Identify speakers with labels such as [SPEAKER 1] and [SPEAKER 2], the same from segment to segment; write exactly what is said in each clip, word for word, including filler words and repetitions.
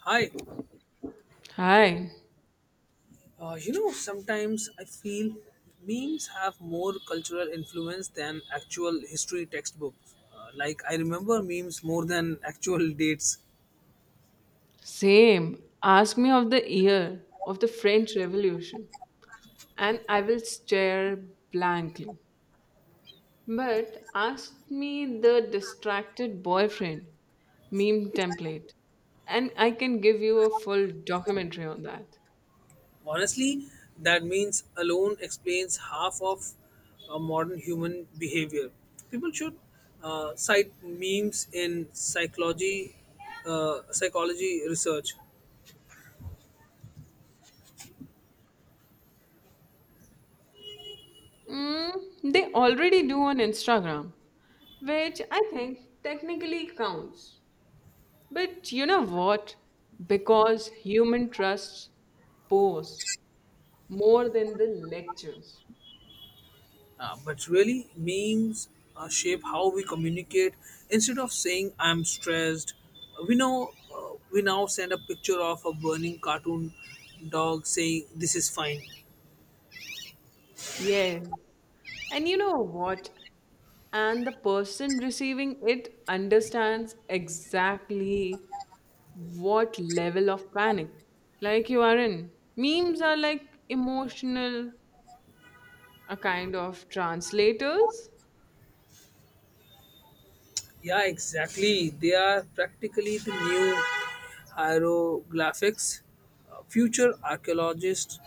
[SPEAKER 1] Hi.
[SPEAKER 2] Hi,
[SPEAKER 1] Uh, you know, sometimes I feel memes have more cultural influence than actual history textbooks. Uh, like, I remember memes more than actual dates.
[SPEAKER 2] same. Ask me of the year of the French Revolution, and I will stare blankly. But ask me the distracted boyfriend meme template, and I can give you a full documentary on that.
[SPEAKER 1] Honestly, that means alone explains half of uh, modern human behavior. People should uh, cite memes in psychology, uh, psychology research.
[SPEAKER 2] Mm, they already do on Instagram, which I think technically counts. But you know what? Because human trusts pose. more than the lectures.
[SPEAKER 1] Uh, but really, memes uh, shape how we communicate. Instead of saying "I'm stressed," we know uh, we now send a picture of a burning cartoon dog saying "This is fine."
[SPEAKER 2] Yes. And you know what? And the person receiving it understands exactly what level of panic like you are in. Memes are like emotional, a kind of translators.
[SPEAKER 1] Yeah, exactly. They are practically the new hieroglyphics. Uh, future archaeologists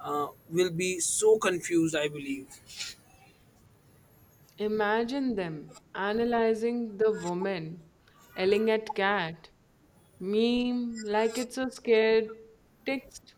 [SPEAKER 1] uh, will be so confused, I believe.
[SPEAKER 2] Imagine them analyzing the woman yelling at cat meme like it's a scared text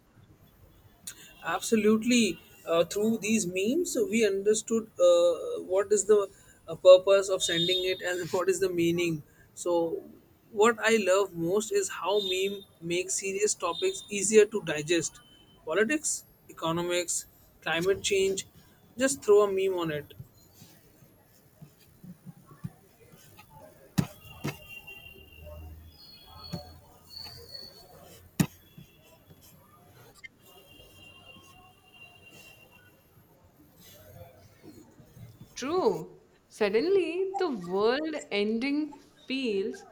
[SPEAKER 1] Absolutely. Uh, through these memes, we understood uh, what is the uh, purpose of sending it and what is the meaning. So, what I love most is how meme makes serious topics easier to digest. Politics, economics, climate change, just throw a meme on it.
[SPEAKER 2] True. Suddenly, the world ending feels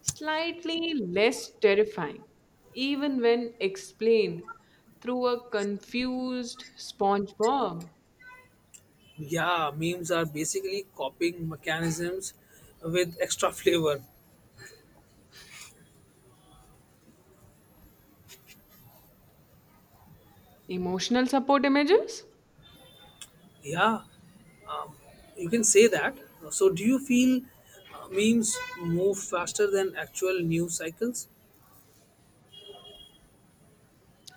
[SPEAKER 2] slightly less terrifying, even when explained through a confused SpongeBob.
[SPEAKER 1] Yeah, memes are basically copying mechanisms with extra flavor.
[SPEAKER 2] Emotional support images?
[SPEAKER 1] Yeah, you can say that. So, do you feel uh, memes move faster than actual news cycles?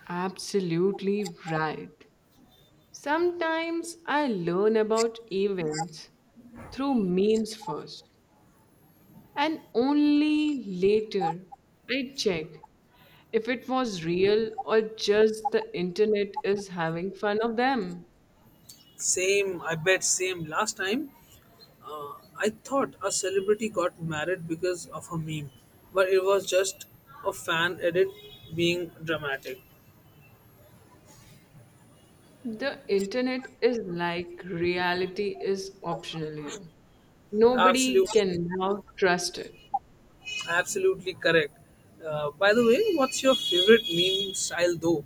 [SPEAKER 2] Absolutely right. Sometimes I learn about events through memes first, and only later I check if it was real or just the internet is having fun of them.
[SPEAKER 1] Same, I bet, same. Last time, uh, I thought a celebrity got married because of a meme, but it was just a fan edit being dramatic.
[SPEAKER 2] The internet is like reality is optional here.
[SPEAKER 1] Absolutely,
[SPEAKER 2] Nobody can now trust it.
[SPEAKER 1] absolutely correct. Uh, by the way, what's your favorite meme style though?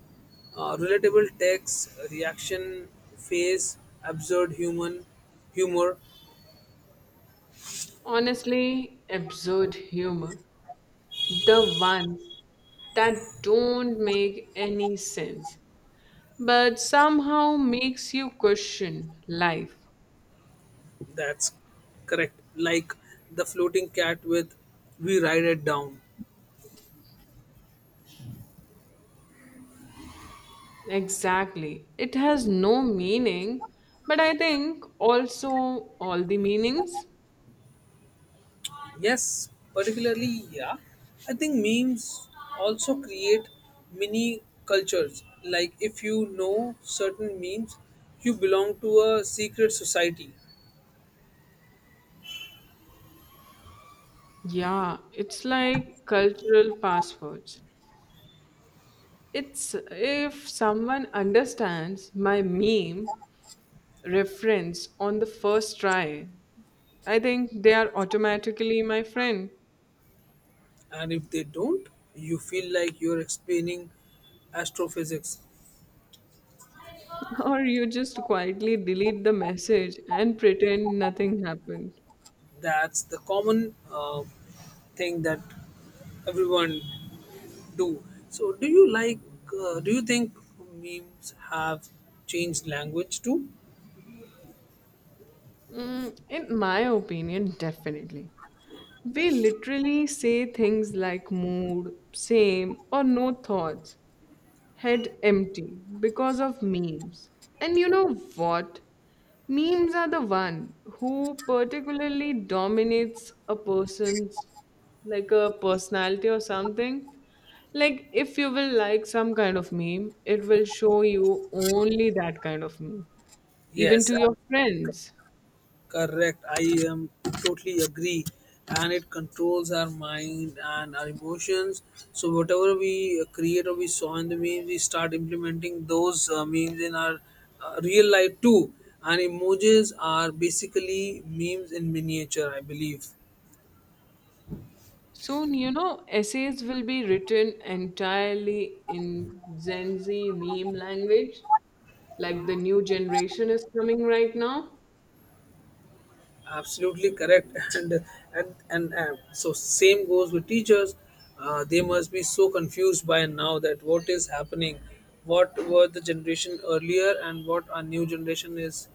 [SPEAKER 1] Uh, relatable text, reaction, face, absurd human humor.
[SPEAKER 2] Honestly, absurd humor. The ones that don't make any sense, but somehow makes you question life.
[SPEAKER 1] That's correct. Like the floating cat with we ride it down.
[SPEAKER 2] Exactly. It has no meaning, but I think also all the meanings.
[SPEAKER 1] Yes, particularly, yeah. I think memes also create mini cultures. Like if you know certain memes, you belong to a secret society.
[SPEAKER 2] Yeah, it's like cultural passwords. It's if someone understands my meme reference on the first try, I think they are automatically my friend.
[SPEAKER 1] And if they don't, you feel like you're explaining astrophysics.
[SPEAKER 2] Or you just quietly delete the message and pretend nothing happened.
[SPEAKER 1] That's the common uh, thing that everyone do. So, do you like, uh, do you think memes have changed language too?
[SPEAKER 2] Mm, in my opinion, definitely. We literally say things like mood, same, or no thoughts head empty because of memes. And you know what? Memes are the one who particularly dominates a person's like a personality or something. Like if you will like some kind of meme, it will show you only that kind of meme, even
[SPEAKER 1] Yes,
[SPEAKER 2] to your friends.
[SPEAKER 1] correct. I am totally agree. And it controls our mind and our emotions. So, whatever we uh, create or we saw in the memes, we start implementing those uh, memes in our uh, real life too. And emojis are basically memes in miniature, I believe.
[SPEAKER 2] Soon, you know, essays will be written entirely in Gen Z meme language, like the new generation is coming right now.
[SPEAKER 1] Absolutely correct. and and and uh, so same goes with teachers. Uh, they must be so confused by now that what is happening, what were the generation earlier and what our new generation is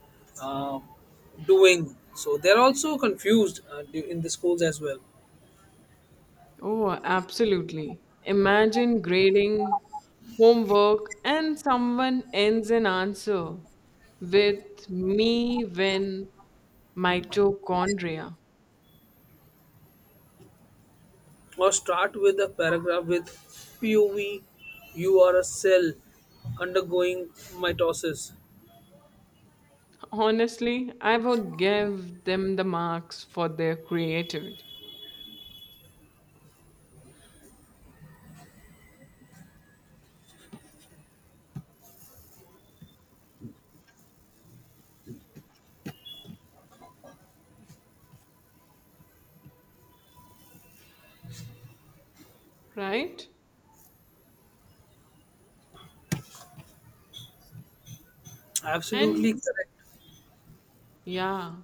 [SPEAKER 1] uh, doing, so they're also confused uh, du- in the schools as well.
[SPEAKER 2] Oh, absolutely. Imagine grading homework and someone ends an answer with me when mitochondria.
[SPEAKER 1] Or start with a paragraph with P O V you are a cell undergoing mitosis.
[SPEAKER 2] Honestly, I would give them the marks for their creativity, right?
[SPEAKER 1] Absolutely
[SPEAKER 2] And
[SPEAKER 1] correct.
[SPEAKER 2] yeah.